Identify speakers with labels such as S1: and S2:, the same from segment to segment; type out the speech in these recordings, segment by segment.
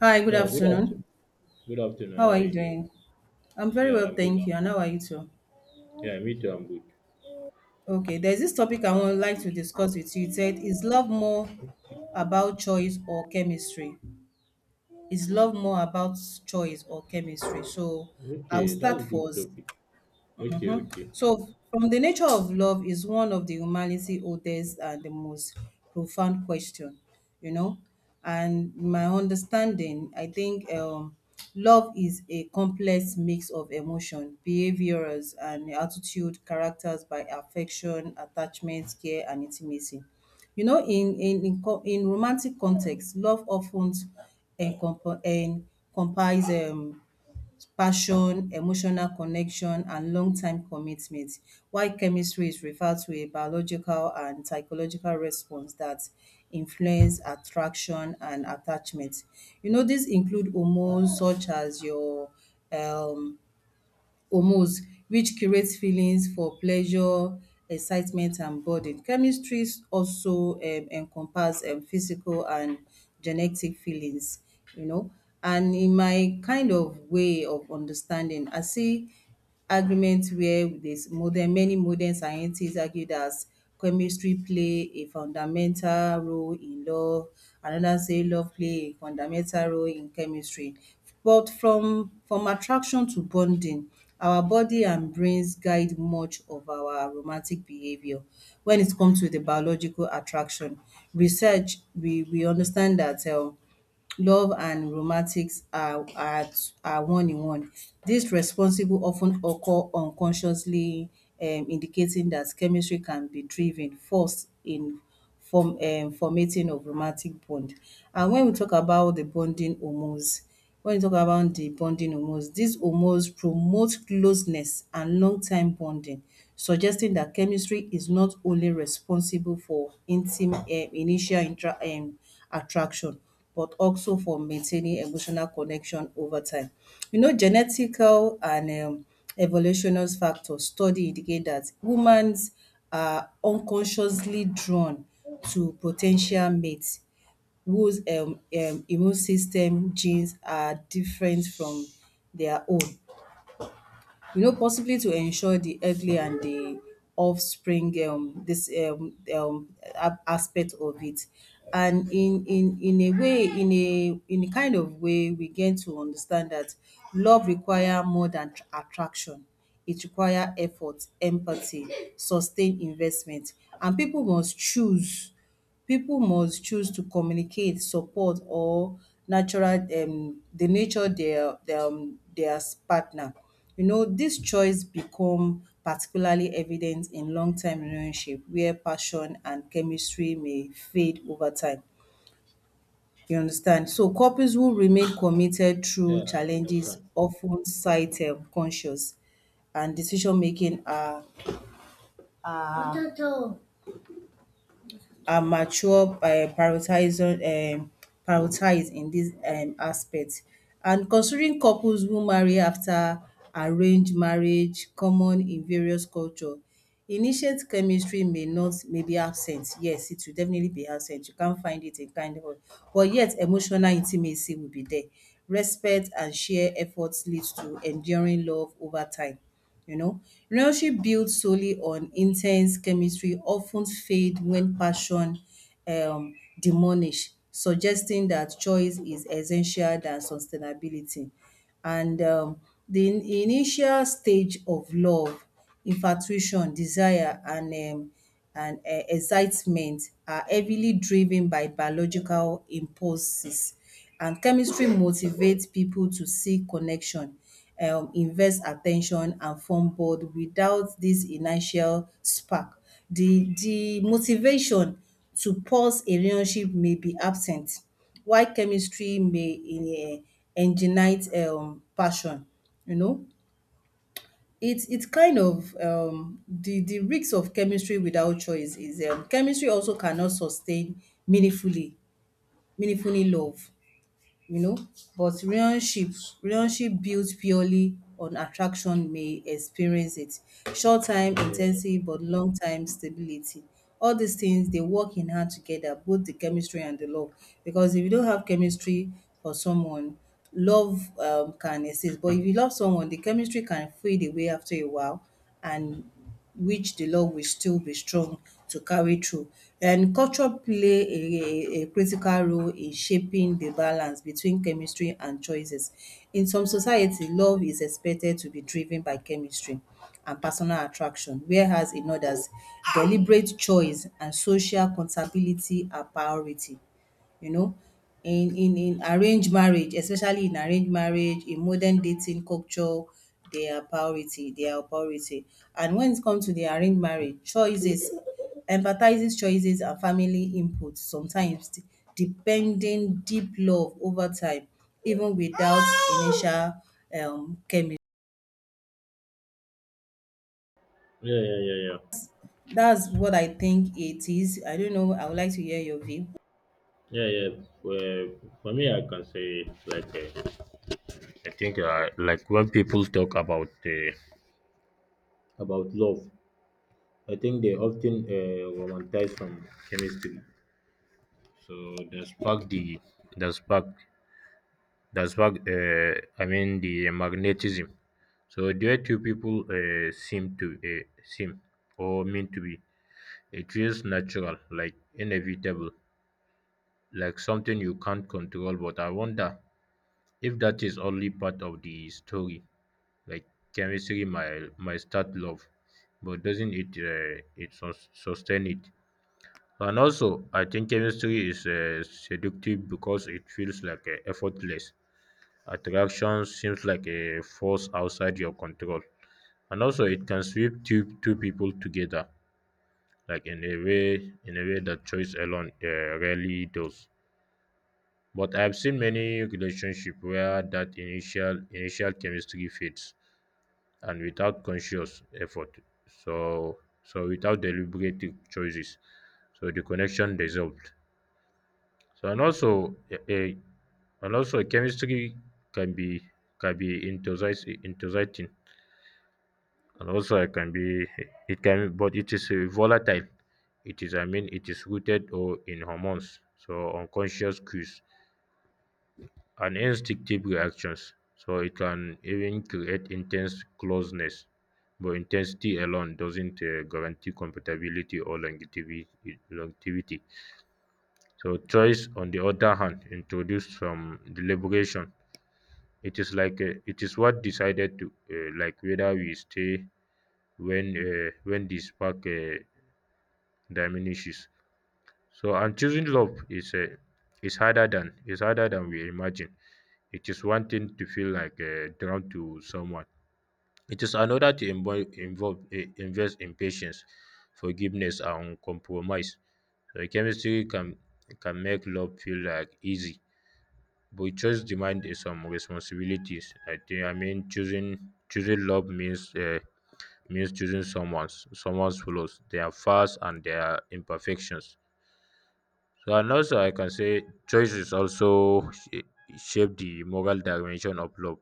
S1: Hi, good
S2: Yeah, good
S1: afternoon.
S2: afternoon. Good afternoon.
S1: How
S2: How
S1: are
S2: are
S1: you
S2: you doing?
S1: doing? I'm very
S2: Yeah,
S1: well,
S2: I'm good.
S1: thank you. And
S2: I'm good.
S1: how are you too?
S2: Yeah, me too. I'm good.
S1: Okay, there's this topic I would like to discuss with you. It said, is love more about choice or chemistry? Is love more about choice or chemistry? So I'll
S2: Okay,
S1: start
S2: that's good
S1: first.
S2: topic. Okay, okay.
S1: So, from the nature of love is one of the humanity oldest and the most profound question, you know. And my understanding, I think love is a complex mix of emotion, behaviors, and attitude, characters by affection, attachment, care, and intimacy. You know, in romantic context, love often encompass passion, emotional connection and long-time commitment, while chemistry is referred to a biological and psychological response that influence attraction and attachment. You know, these include hormones such as your um hormones which creates feelings for pleasure, excitement and burden. Chemistries also encompass physical and genetic feelings, you know. And in my kind of way of understanding, I see argument where there's modern scientists argue that chemistry play a fundamental role in love, another say love play a fundamental role in chemistry, but from attraction to bonding, our body and brains guide much of our romantic behaviour. When it comes to the biological attraction research, we understand that love and romantics are are one in one. This responsible of ten occur unconsciously, indicating that chemistry can be driven forced in form formating of romantic bond. And when we talk about the bonding hormones, when you talk about the bonding hormones, these hormones promote closeness and long-time bonding, suggesting that chemistry is not only responsible for initial intra attraction, but also for maintaining emotional connection over time. You know, genetical and evolutionary factors study indicate that humans are unconsciously drawn to potential mates whose immune system genes are different from their own. You know, possibly to ensure the earthly and the offspring, this a- aspect of it. And in a way, in a kind of way, we get to understand that love require more than tr- attraction. It require effort, empathy, sustained investment, and people must choose to communicate, support or natural the nature their partner. You know, this choice become particularly evident in long term relationship where passion and chemistry may fade over time. You understand? So couples who remain committed through
S2: Yeah, I
S1: challenges
S2: understand.
S1: often ten sight conscious and decision making are are mature by prioritizing prioritize in this aspect. And considering couples who marry after arranged marriage common in various culture. Initiate chemistry may not, may be absent. Yes, it will definitely be absent. You can't find it in kind of, but yet emotional intimacy will be there. Respect and shared effort leads to enduring love over time. You know, relationship built solely on intense chemistry often fade when passion um diminish, suggesting that choice is essential than sustainability. And The in- initial stage of love, infatuation, desire, and excitement are heavily driven by biological impulses, and chemistry motivates people to seek connection, invest attention and form bond without this initial spark. The motivation to pause a relationship may be absent, while chemistry may um ignite passion. You know, it's kind of the risks of chemistry without choice is, chemistry also cannot sustain meaningfully meaningfully love, you know, but relationship built purely on attraction may experience it short time in,
S2: Yeah,
S1: but long time stability. All these things they work in hand together, both the chemistry and the love, because if you don't have chemistry for someone, love can exist. But if you love someone, the chemistry can fade away after a while, and which the love will still be strong to carry through. And culture play a critical role in shaping the balance between chemistry and choices. In some society, love is expected to be driven by chemistry and personal attraction, whereas in others, deliberate choice and social accountability are priority. You know, in arranged marriage, in modern dating culture, they are priority. And when it comes to the arranged marriage choices, empathizes choices and family input sometimes de- depending deep love over time, even without initial chemistry.
S2: yeah, yeah, yeah.
S1: That's what I think it is. I don't know. I would like to hear your view.
S2: Yeah, yeah, yeah. Well, for me, I can say it's like I think like when people talk about love, I think they often romanticize from chemistry. So the spark, the spark. That's fact. I mean the magnetism. So due two people seem to seem or mean to be. It feels natural, like inevitable, like something you can't control. But I wonder if that is only part of the story. Like chemistry might start love, but doesn't it it sustain it? And also, I think chemistry is seductive because it feels like effortless. Attraction seems like a force outside your control. And also, it can sweep two people together, in a way that choice alone rarely does. But I've seen many relationships where that initial chemistry fades, and without conscious effort. So, so without deliberate choices, so the connection dissolved. So and also a and also chemistry can be enthusiastic and also it can be it can but it is volatile. It is I mean it is rooted or in hormones, so unconscious cues and instinctive reactions. So it can even create intense closeness, but intensity alone doesn't guarantee compatibility or longevity. So choice, on the other hand, introduced some deliberation. It is like it is what decided to like whether we stay when the spark diminishes. So and choosing love is is harder than we imagine. It is one thing to feel like drawn to someone. It is another to involve invest in patience, forgiveness and compromise. So chemistry can make love feel like easy. But choice demands some responsibilities. I think I mean choosing love means means choosing someone's someone's flaws, their faults and their imperfections. So and also I can say choice is also shape the moral dimension of love.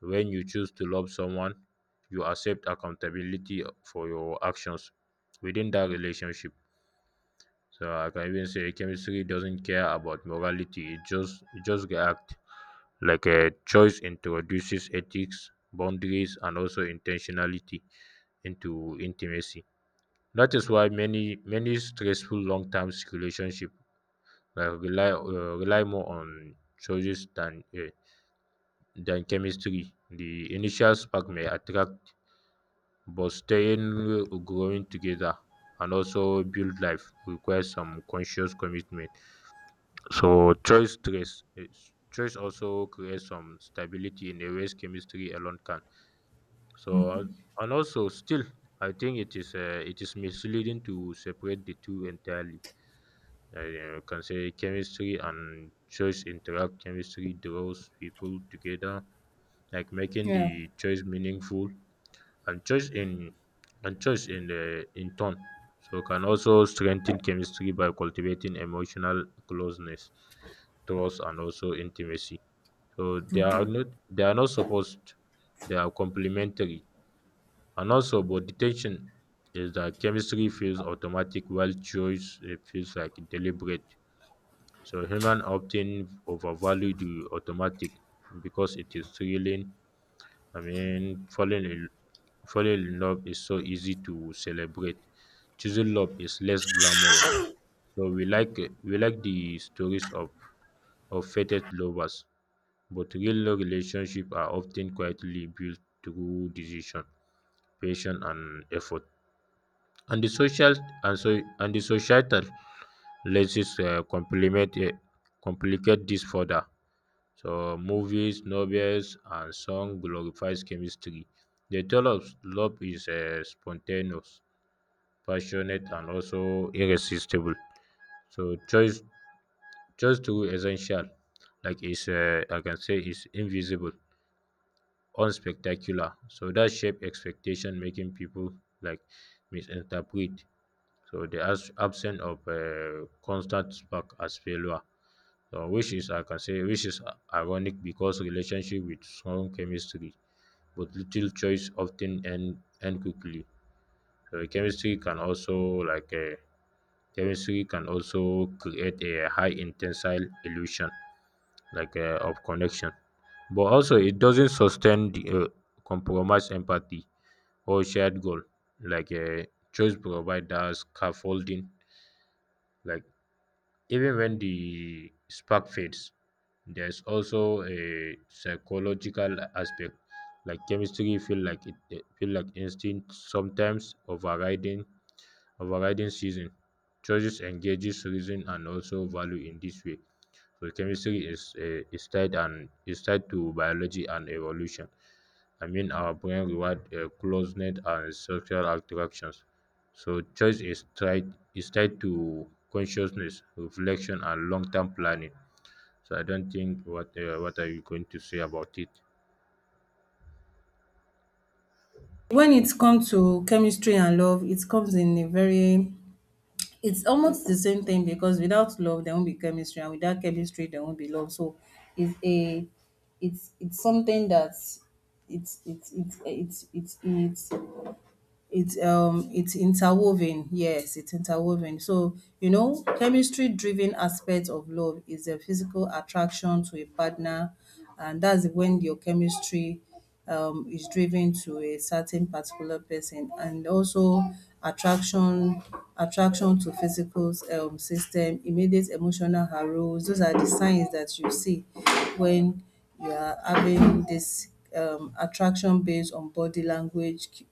S2: When you choose to love someone, you accept accountability for your actions within that relationship. So I can even say chemistry doesn't care about morality; it just reacts like a choice introduces ethics, boundaries, and also intentionality into intimacy. That is why many many stressful long-term relationship rely more on choices than chemistry. The initial spark may attract, but staying growing together and also build life requires some conscious commitment. So choice stress is choice also creates some stability in a ways chemistry alone can. So
S1: Hmm.
S2: and also still, I think it is misleading to separate the two entirely. I You can say chemistry and choice interact. Chemistry draws people together, like making
S1: Yeah.
S2: the choice meaningful, and choice in and choice in the in turn. So can also strengthen chemistry by cultivating emotional closeness, trust, and also intimacy. So they are not supposed. They are complementary and also, but detection is that chemistry feels automatic while choice feels like deliberate. So human often overvalue the automatic because it is thrilling. I mean, falling in love is so easy to celebrate. Choosing love is less glamorous. So we like the stories of fated lovers, but real relationships are often quietly built through decision, patience, and effort. And the social and so and the societal lenses complement complicate this further. So movies, novels, and song glorifies chemistry. They tell us love is spontaneous, passionate, and also irresistible. So choice through essential, like is I can say is invisible, unspectacular. So that shape expectation, making people like misinterpret. So the absence of a constant spark as failure, so which is I can say which is ironic because relationship with strong chemistry, but little choice often end quickly. So chemistry can also like a chemistry can also create a high intensile illusion like of connection, but also it doesn't sustain the compromise empathy or shared goal like a choice provider scaffolding like. Even when the spark fades, there's also a psychological aspect, like chemistry feel like feel like instinct sometimes overriding season. Choices engages reason and also value in this way. So chemistry is tied and is tied to biology and evolution. I mean, our brain reward closeness and social interactions. So choice is tied to consciousness, reflection, and long-term planning. So I don't think what are you going to say about it?
S1: When it comes to chemistry and love, it comes in a very, it's almost the same thing, because without love there won't be chemistry and without chemistry there won't be love. So it's a, it's something that, it's it's it's it's it's it's, it's interwoven. Yes, it's interwoven. So you know, chemistry driven aspect of love is a physical attraction to a partner, and that's when your chemistry is driven to a certain particular person. And also, attraction attraction to physical system, immediate emotional arousal, those are the signs that you see when you are having this attraction based on body language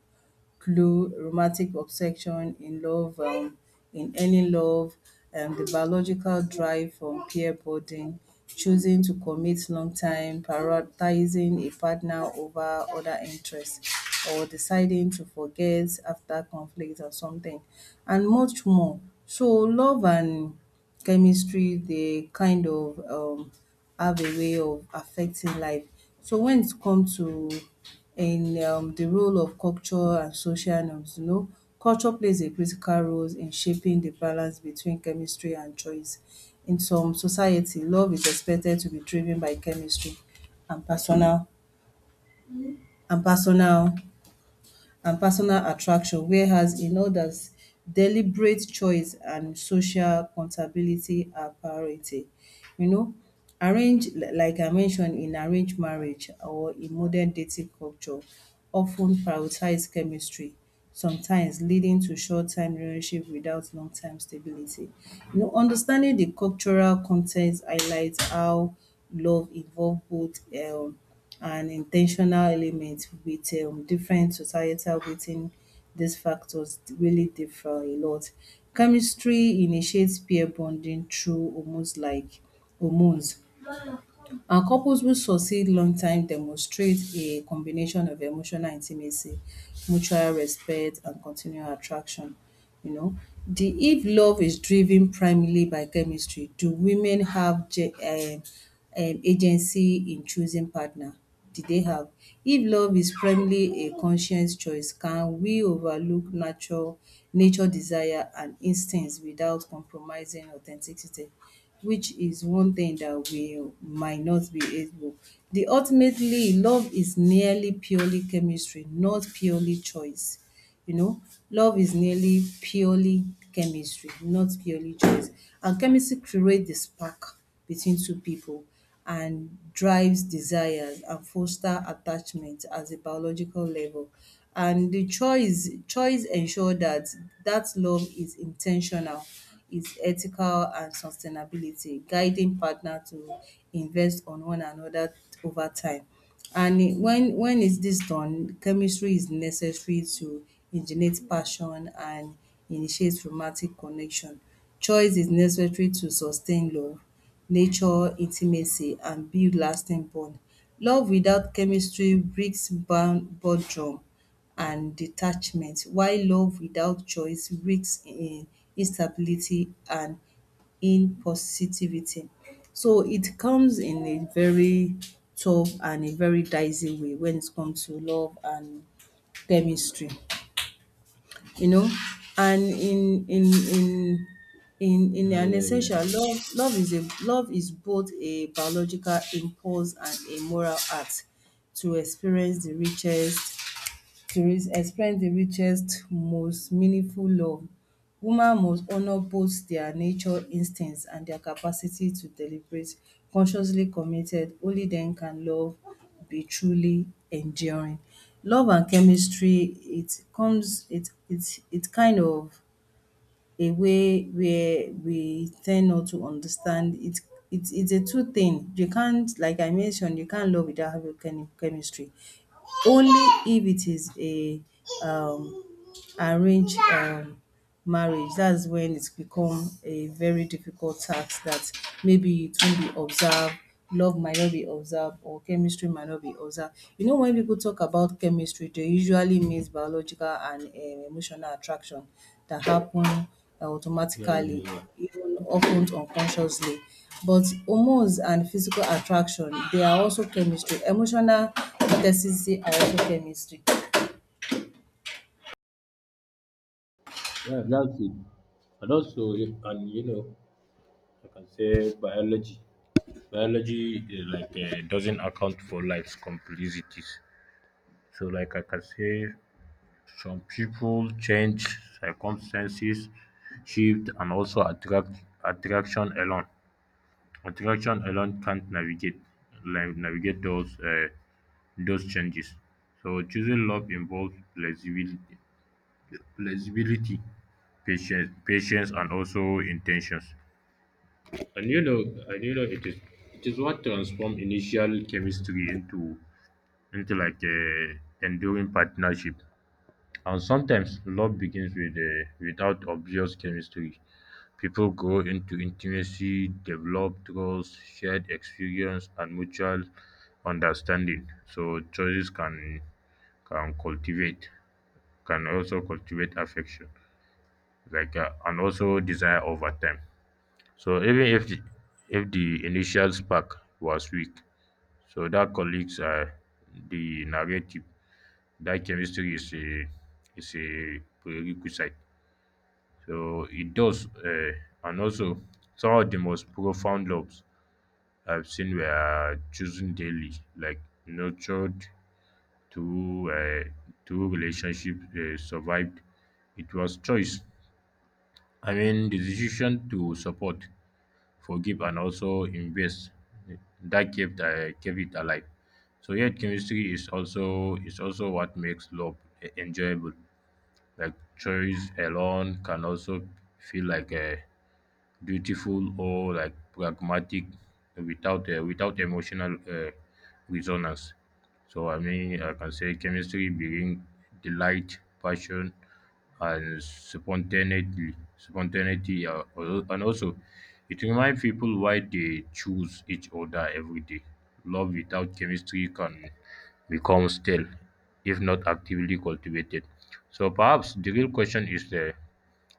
S1: clue, romantic obsession, in love, in any love, the biological drive from peer bonding, choosing to commit long time, prioritizing a partner over other interests, or deciding to forget after conflict or something, and much more. So, love and chemistry, they kind of have a way of affecting life. So, when it comes to in the role of culture and social norms. You know, culture plays a critical role in shaping the balance between chemistry and choice. In some society, love is expected to be driven by chemistry and and personal personal attraction, whereas in others, deliberate choice and social accountability are priority. You know, arrange li- like I mentioned, in arranged marriage or in modern dating culture often prioritize chemistry, sometimes leading to short-term relationship without long-term stability. You know, understanding the cultural context highlights how love involve both and intentional element with different societal within these factors really differ a lot. Chemistry initiates peer bonding through hormones, and couples who succeed long time demonstrate a combination of emotional intimacy, mutual respect, and continual attraction. You know, the if love is driven primarily by chemistry, do women have agency in choosing partner? Did they have? If love is primarily a conscious choice, can we overlook natural nature desire and instincts without compromising authenticity? Which is one thing that we might not be able. The ultimately, love is nearly purely chemistry, not purely choice. You know, love is nearly purely chemistry, not purely choice. And chemistry create the spark between two people and drives desires and foster attachment at a biological level. And the choice ensure that love is intentional, is ethical and sustainability, guiding partner to invest on one another over time. And it- when is this done, chemistry is necessary to originate passion and initiate romantic connection. Choice is necessary to sustain love, nature intimacy and build lasting bond. Love without chemistry breaks bound boredom and detachment, while love without choice risks in instability and impositivity. So it comes in a very tough and a very dicey way when it comes to love and chemistry, you know. And in
S2: Yeah,
S1: an
S2: yeah, yeah,
S1: essential love, love is a love is both a biological impulse and a moral act to experience the richest, Therese explained the richest, most meaningful love. Women must honor both their nature instincts and their capacity to deliberate. Consciously committed, only then can love be truly enduring. Love and chemistry, it comes, it kind of a way where we tend not to understand it. It is a two thing. You can't, like I mentioned, you can't love without having chemistry, only if it is a um arranged marriage, that's when it's become a very difficult task that maybe it won't be observed, love might not be observed, or chemistry might not be observed. You know, when people talk about chemistry, they usually means biological and emotional attraction that happen
S2: yeah, yeah,
S1: automatically,
S2: yeah.
S1: even often unconsciously. But hormones and physical attraction, they are also chemistry. Emotional intensity are also chemistry.
S2: Yeah, that's it. And also, and you know, I can say biology. Biology like doesn't account for life's complexities. So, like I can say, some people change, circumstances shift, and also attraction alone. Attraction alone can't navigate like navigate those changes. So, choosing love involves flexibility, patience, and also intentions. And you know, and you know, it is what transforms initial chemistry into like a enduring partnership. And sometimes love begins with a without obvious chemistry. People grow into intimacy, develop trust, shared experience, and mutual understanding. So choices can cultivate, can also cultivate affection, like and also desire over time. So even if the initial spark was weak, so that colleagues are the narrative. That chemistry is a prerequisite. So it does, and also some of the most profound loves I've seen were chosen daily, like nurtured through through relationship survived. It was choice. I mean, the decision to support, forgive and also invest that kept it alive. So yet chemistry is also what makes love enjoyable, like choice alone can also feel like a beautiful or like pragmatic without without emotional resonance. So I mean, I can say chemistry brings delight, passion, and spontaneity, and also it reminds people why they choose each other every day. Love without chemistry can become stale if not actively cultivated. So perhaps the real question is there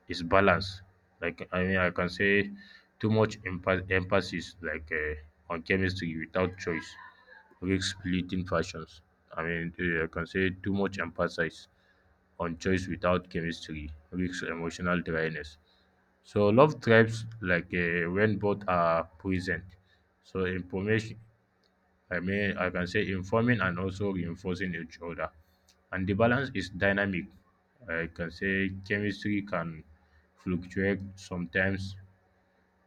S2: is balance. Like I mean, I can say too much emphasis like on chemistry without choice risks splitting fashions. I mean, I can say too much emphasis on choice without chemistry risks emotional dryness. So love thrives like when both are present. So information I mean, I can say informing and also reinforcing each other. And the balance is dynamic. I can say chemistry can fluctuate sometimes,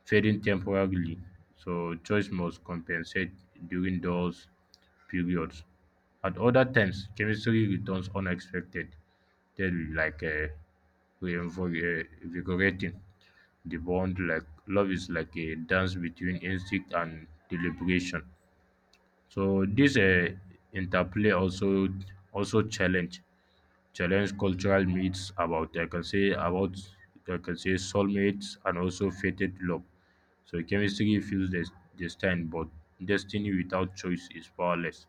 S2: fading temporarily. So choice must compensate during those periods. At other times, chemistry returns unexpected, then like invigorating the bond. Like love is like a dance between instinct and deliberation. So this interplay also also challenge challenge cultural myths about I can say about I can say soulmates and also fated love. So chemistry feels destined, but destiny without choice is powerless.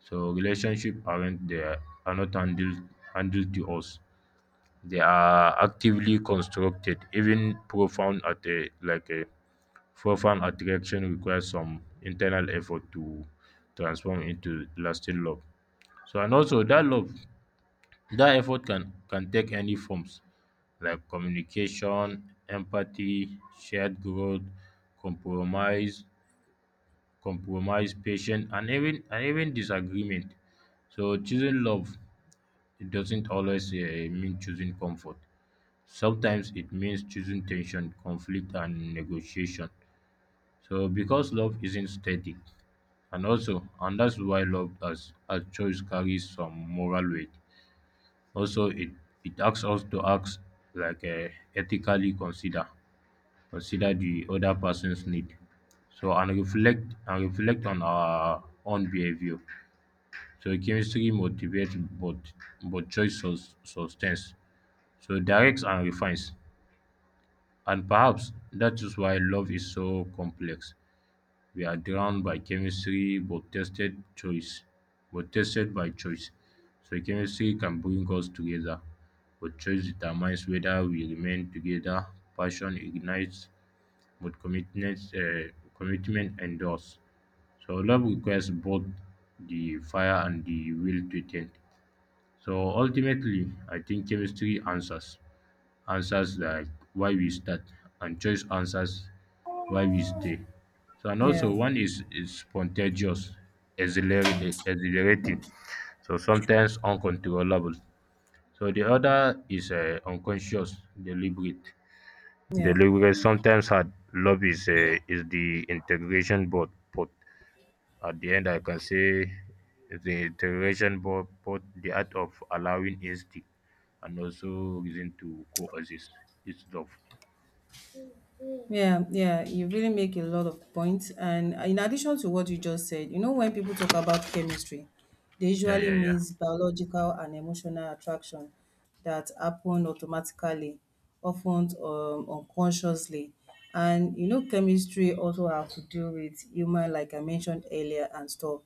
S2: So relationship aren't there are not handled handled to us. They are actively constructed; even profound at a like a profound attraction requires some internal effort to transform into lasting love. So and also that love, that effort can take any forms like communication, empathy, shared growth, compromise, compromise, patience, and even disagreement. So choosing love it doesn't always mean choosing comfort. Sometimes it means choosing tension, conflict, and negotiation. So, because love isn't static, and also, and that's why love as a choice carries some moral weight. Also, it asks us to act like ethically consider consider the other person's need. So and reflect on our own behavior. So chemistry motivates, but choice sustains. So directs and refines. And perhaps that is why love is so complex. We are drawn by chemistry but tested choice. But tested by choice. So chemistry can bring us together, but choice determines whether we remain together. Passion ignites, but commitment endures. So love requires both the fire and the will to tend. So ultimately, I think chemistry answers like why we start, and choice answers why we stay. So and
S1: Yeah,
S2: also one is spontaneous, exhilarating. So sometimes uncontrollable. So the other is unconscious, deliberate.
S1: yeah.
S2: Deliberate sometimes hard. Love is the integration board. At the end, I can say the iteration both, both the art of allowing instinct and also reason to coexist. It's love.
S1: Yeah, yeah, you really make a lot of points. And in addition to what you just said, you know, when people talk about chemistry, they
S2: Yeah,
S1: usually
S2: yeah, yeah.
S1: means biological and emotional attraction that happen automatically, often unconsciously. And you know, chemistry also have to do with human, like I mentioned earlier, and stuff.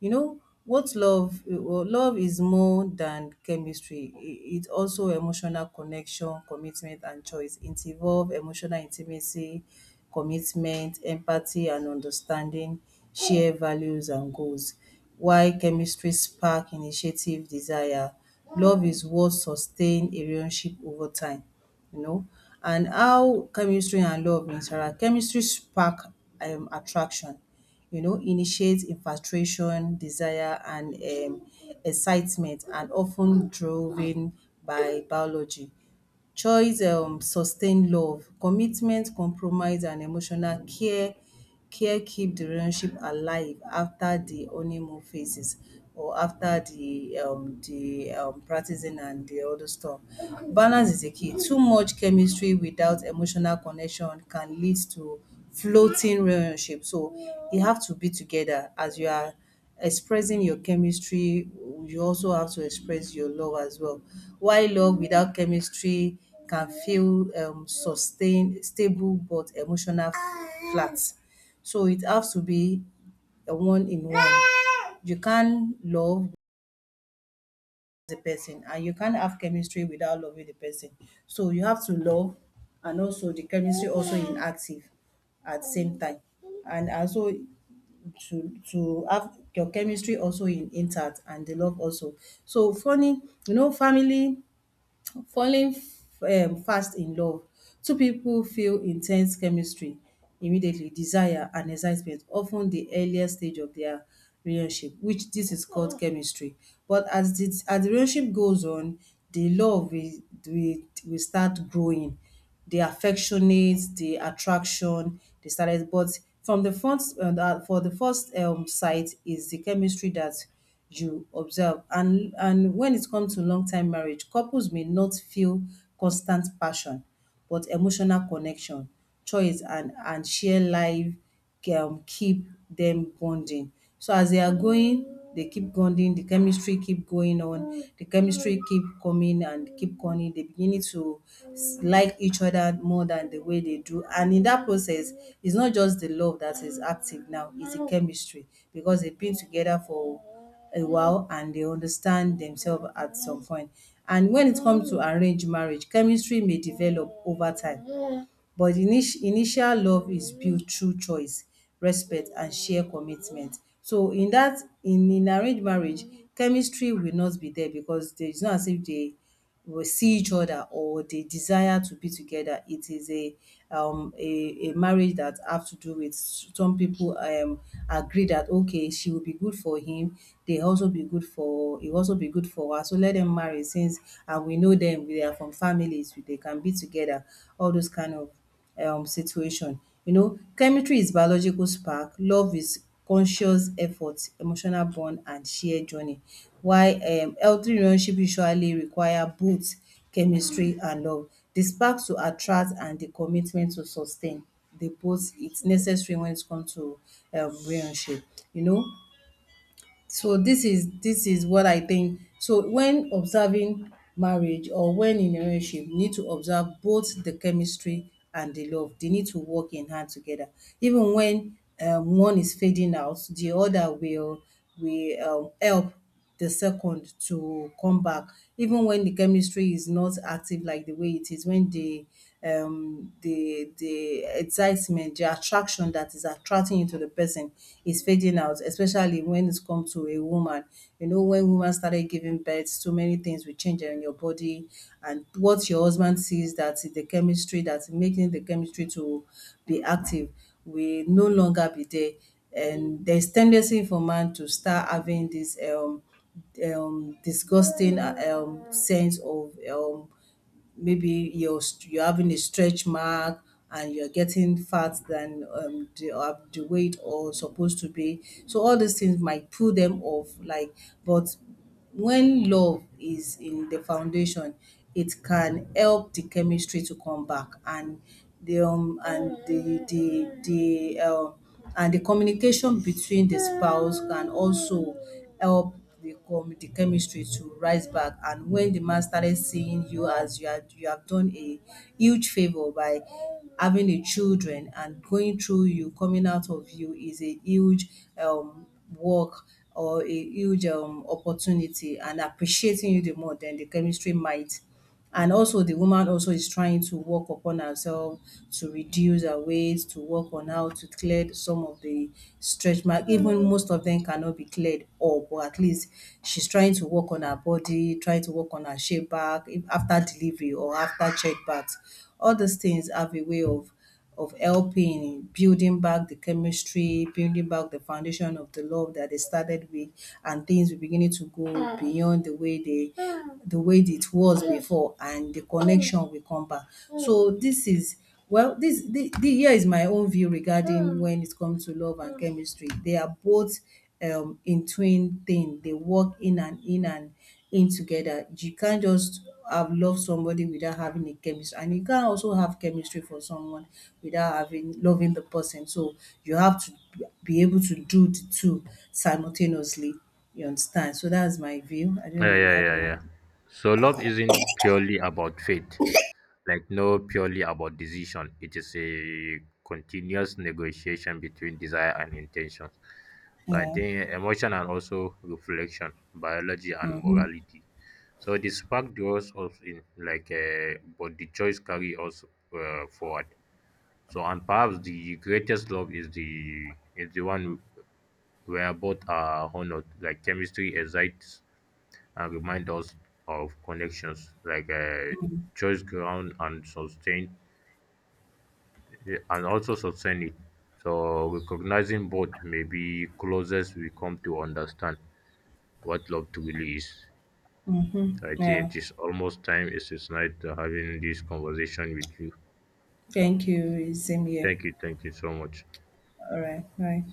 S1: You know, what love, well, love is more than chemistry. I- It also emotional connection, commitment, and choice. It involves emotional intimacy, commitment, empathy, and understanding, share values and goals. While chemistry spark initiative, desire, love is what sustain a relationship over time. You know, and how chemistry and love interact. Chemistry spark attraction, initiates infatuation, desire, and excitement, and often driven by biology. Choice sustain love, commitment, compromise and emotional care keep the relationship alive after the honeymoon phases or after the practicing and the other stuff. Balance is the key. Too much chemistry without emotional connection can lead to floating relationship. So you have to be together as you are. Expressing your chemistry, you also have to express your love as well. While love without chemistry can feel sustained, stable, but emotional flat. So it has to be a one in one. You can't love the person and you can't have chemistry without loving the person. So you have to love and also the chemistry also inactive at the same time. And also to have your chemistry also in intact and the love also. So falling, you know, family falling fast in love. Two people feel intense chemistry immediately, desire and excitement, often the earliest stage of their relationship, which this is called chemistry. But as the relationship goes on, the love will will start growing the affectionate, the attraction, the silence. But from the front, for the first sight is the chemistry that you observe. And when it comes to long time marriage, couples may not feel constant passion, but emotional connection, choice, and share life keep them bonding. So as they are going, they keep bonding, the chemistry keep going on, the chemistry keep coming and keep coming. They beginning to like each other more than the way they do. And in that process, it's not just the love that is active now, it's the chemistry because they've been together for a while and they understand themselves at some point. And when it comes to arranged marriage, chemistry may develop over time but the initial love is built through choice, respect and shared commitment. So in that in arranged marriage, chemistry will not be there because there is not as if they will see each other or they desire to be together. It is a marriage that have to do with some people agree that okay she will be good for him, they also be good for he also be good for her. So let them marry pesins and we know them. They are from families, they can be together, all those kind of situation. You know, chemistry is biological spark, love is conscious effort, emotional bond and shared journey. Why? Healthy relationship usually require both chemistry and love. The spark to attract and the commitment to sustain. Dey both it's necessary when it comes to relationship. You know, so this is what I think. So when observing marriage or when in a relationship, you need to observe both the chemistry and the love. They need to work in hand together. Even when one is fading out, the other will help the second to come back even when the chemistry is not active like the way it is when the excitement, the attraction that is attracting you to the person is fading out, especially when it comes to a woman. You know, when women started giving birth, so many things will change in your body and what your husband sees that the chemistry that's making the chemistry to be active will no longer be there, and there's tendency for man to start having this disgusting sense of maybe you're having a stretch mark and you're getting fat than the weight or supposed to be. So all these things might pull them off. Like, but when love is in the foundation, it can help the chemistry to come back and the and the communication between the spouse can also help the chemistry to rise back, and when the man started seeing you as you are, you have done a huge favor by having a children, and going through you coming out of you is a huge um work or a huge opportunity and appreciating you the more, then the chemistry might. And also the woman also is trying to work upon herself to reduce her weight, to work on how to clear some of the stretch mark. Even most of them cannot be cleared up, but at least she's trying to work on her body, trying to work on her shape back if after delivery or after check childbirth. All these things have a way of helping building back the chemistry, building back the foundation of the love that they started with, and things were beginning to go beyond the way it was before, and the connection will come back. So this is, well, this the here is my own view regarding when it comes to love and chemistry. They are both in twin thing. They work in and in and in together. You can't just have love somebody without having a chemistry. And you can't also have chemistry for someone without having loving the person. So you have to be able to do the two simultaneously. You understand? So that's my view. I don't
S2: Yeah,
S1: know if you
S2: yeah,
S1: have
S2: yeah,
S1: any.
S2: yeah. So love isn't purely about faith, like no purely about decision. It is a continuous negotiation between desire and intention. So I
S1: Yeah.
S2: think emotion and also reflection, biology and
S1: Mm-hmm.
S2: morality. So the spark draws us in, like, but the choice carry us forward. So and perhaps the greatest love is the one where both are honored, like chemistry excites and remind us of connections like choice ground and sustain and also sustain it. So recognizing both may be closest we come to understand what love truly is.
S1: Mm-hmm.
S2: I think
S1: Yeah.
S2: it is almost time. It's nice to having this conversation with you.
S1: Thank you. Same here.
S2: Thank you, thank you so much.
S1: All right. Bye.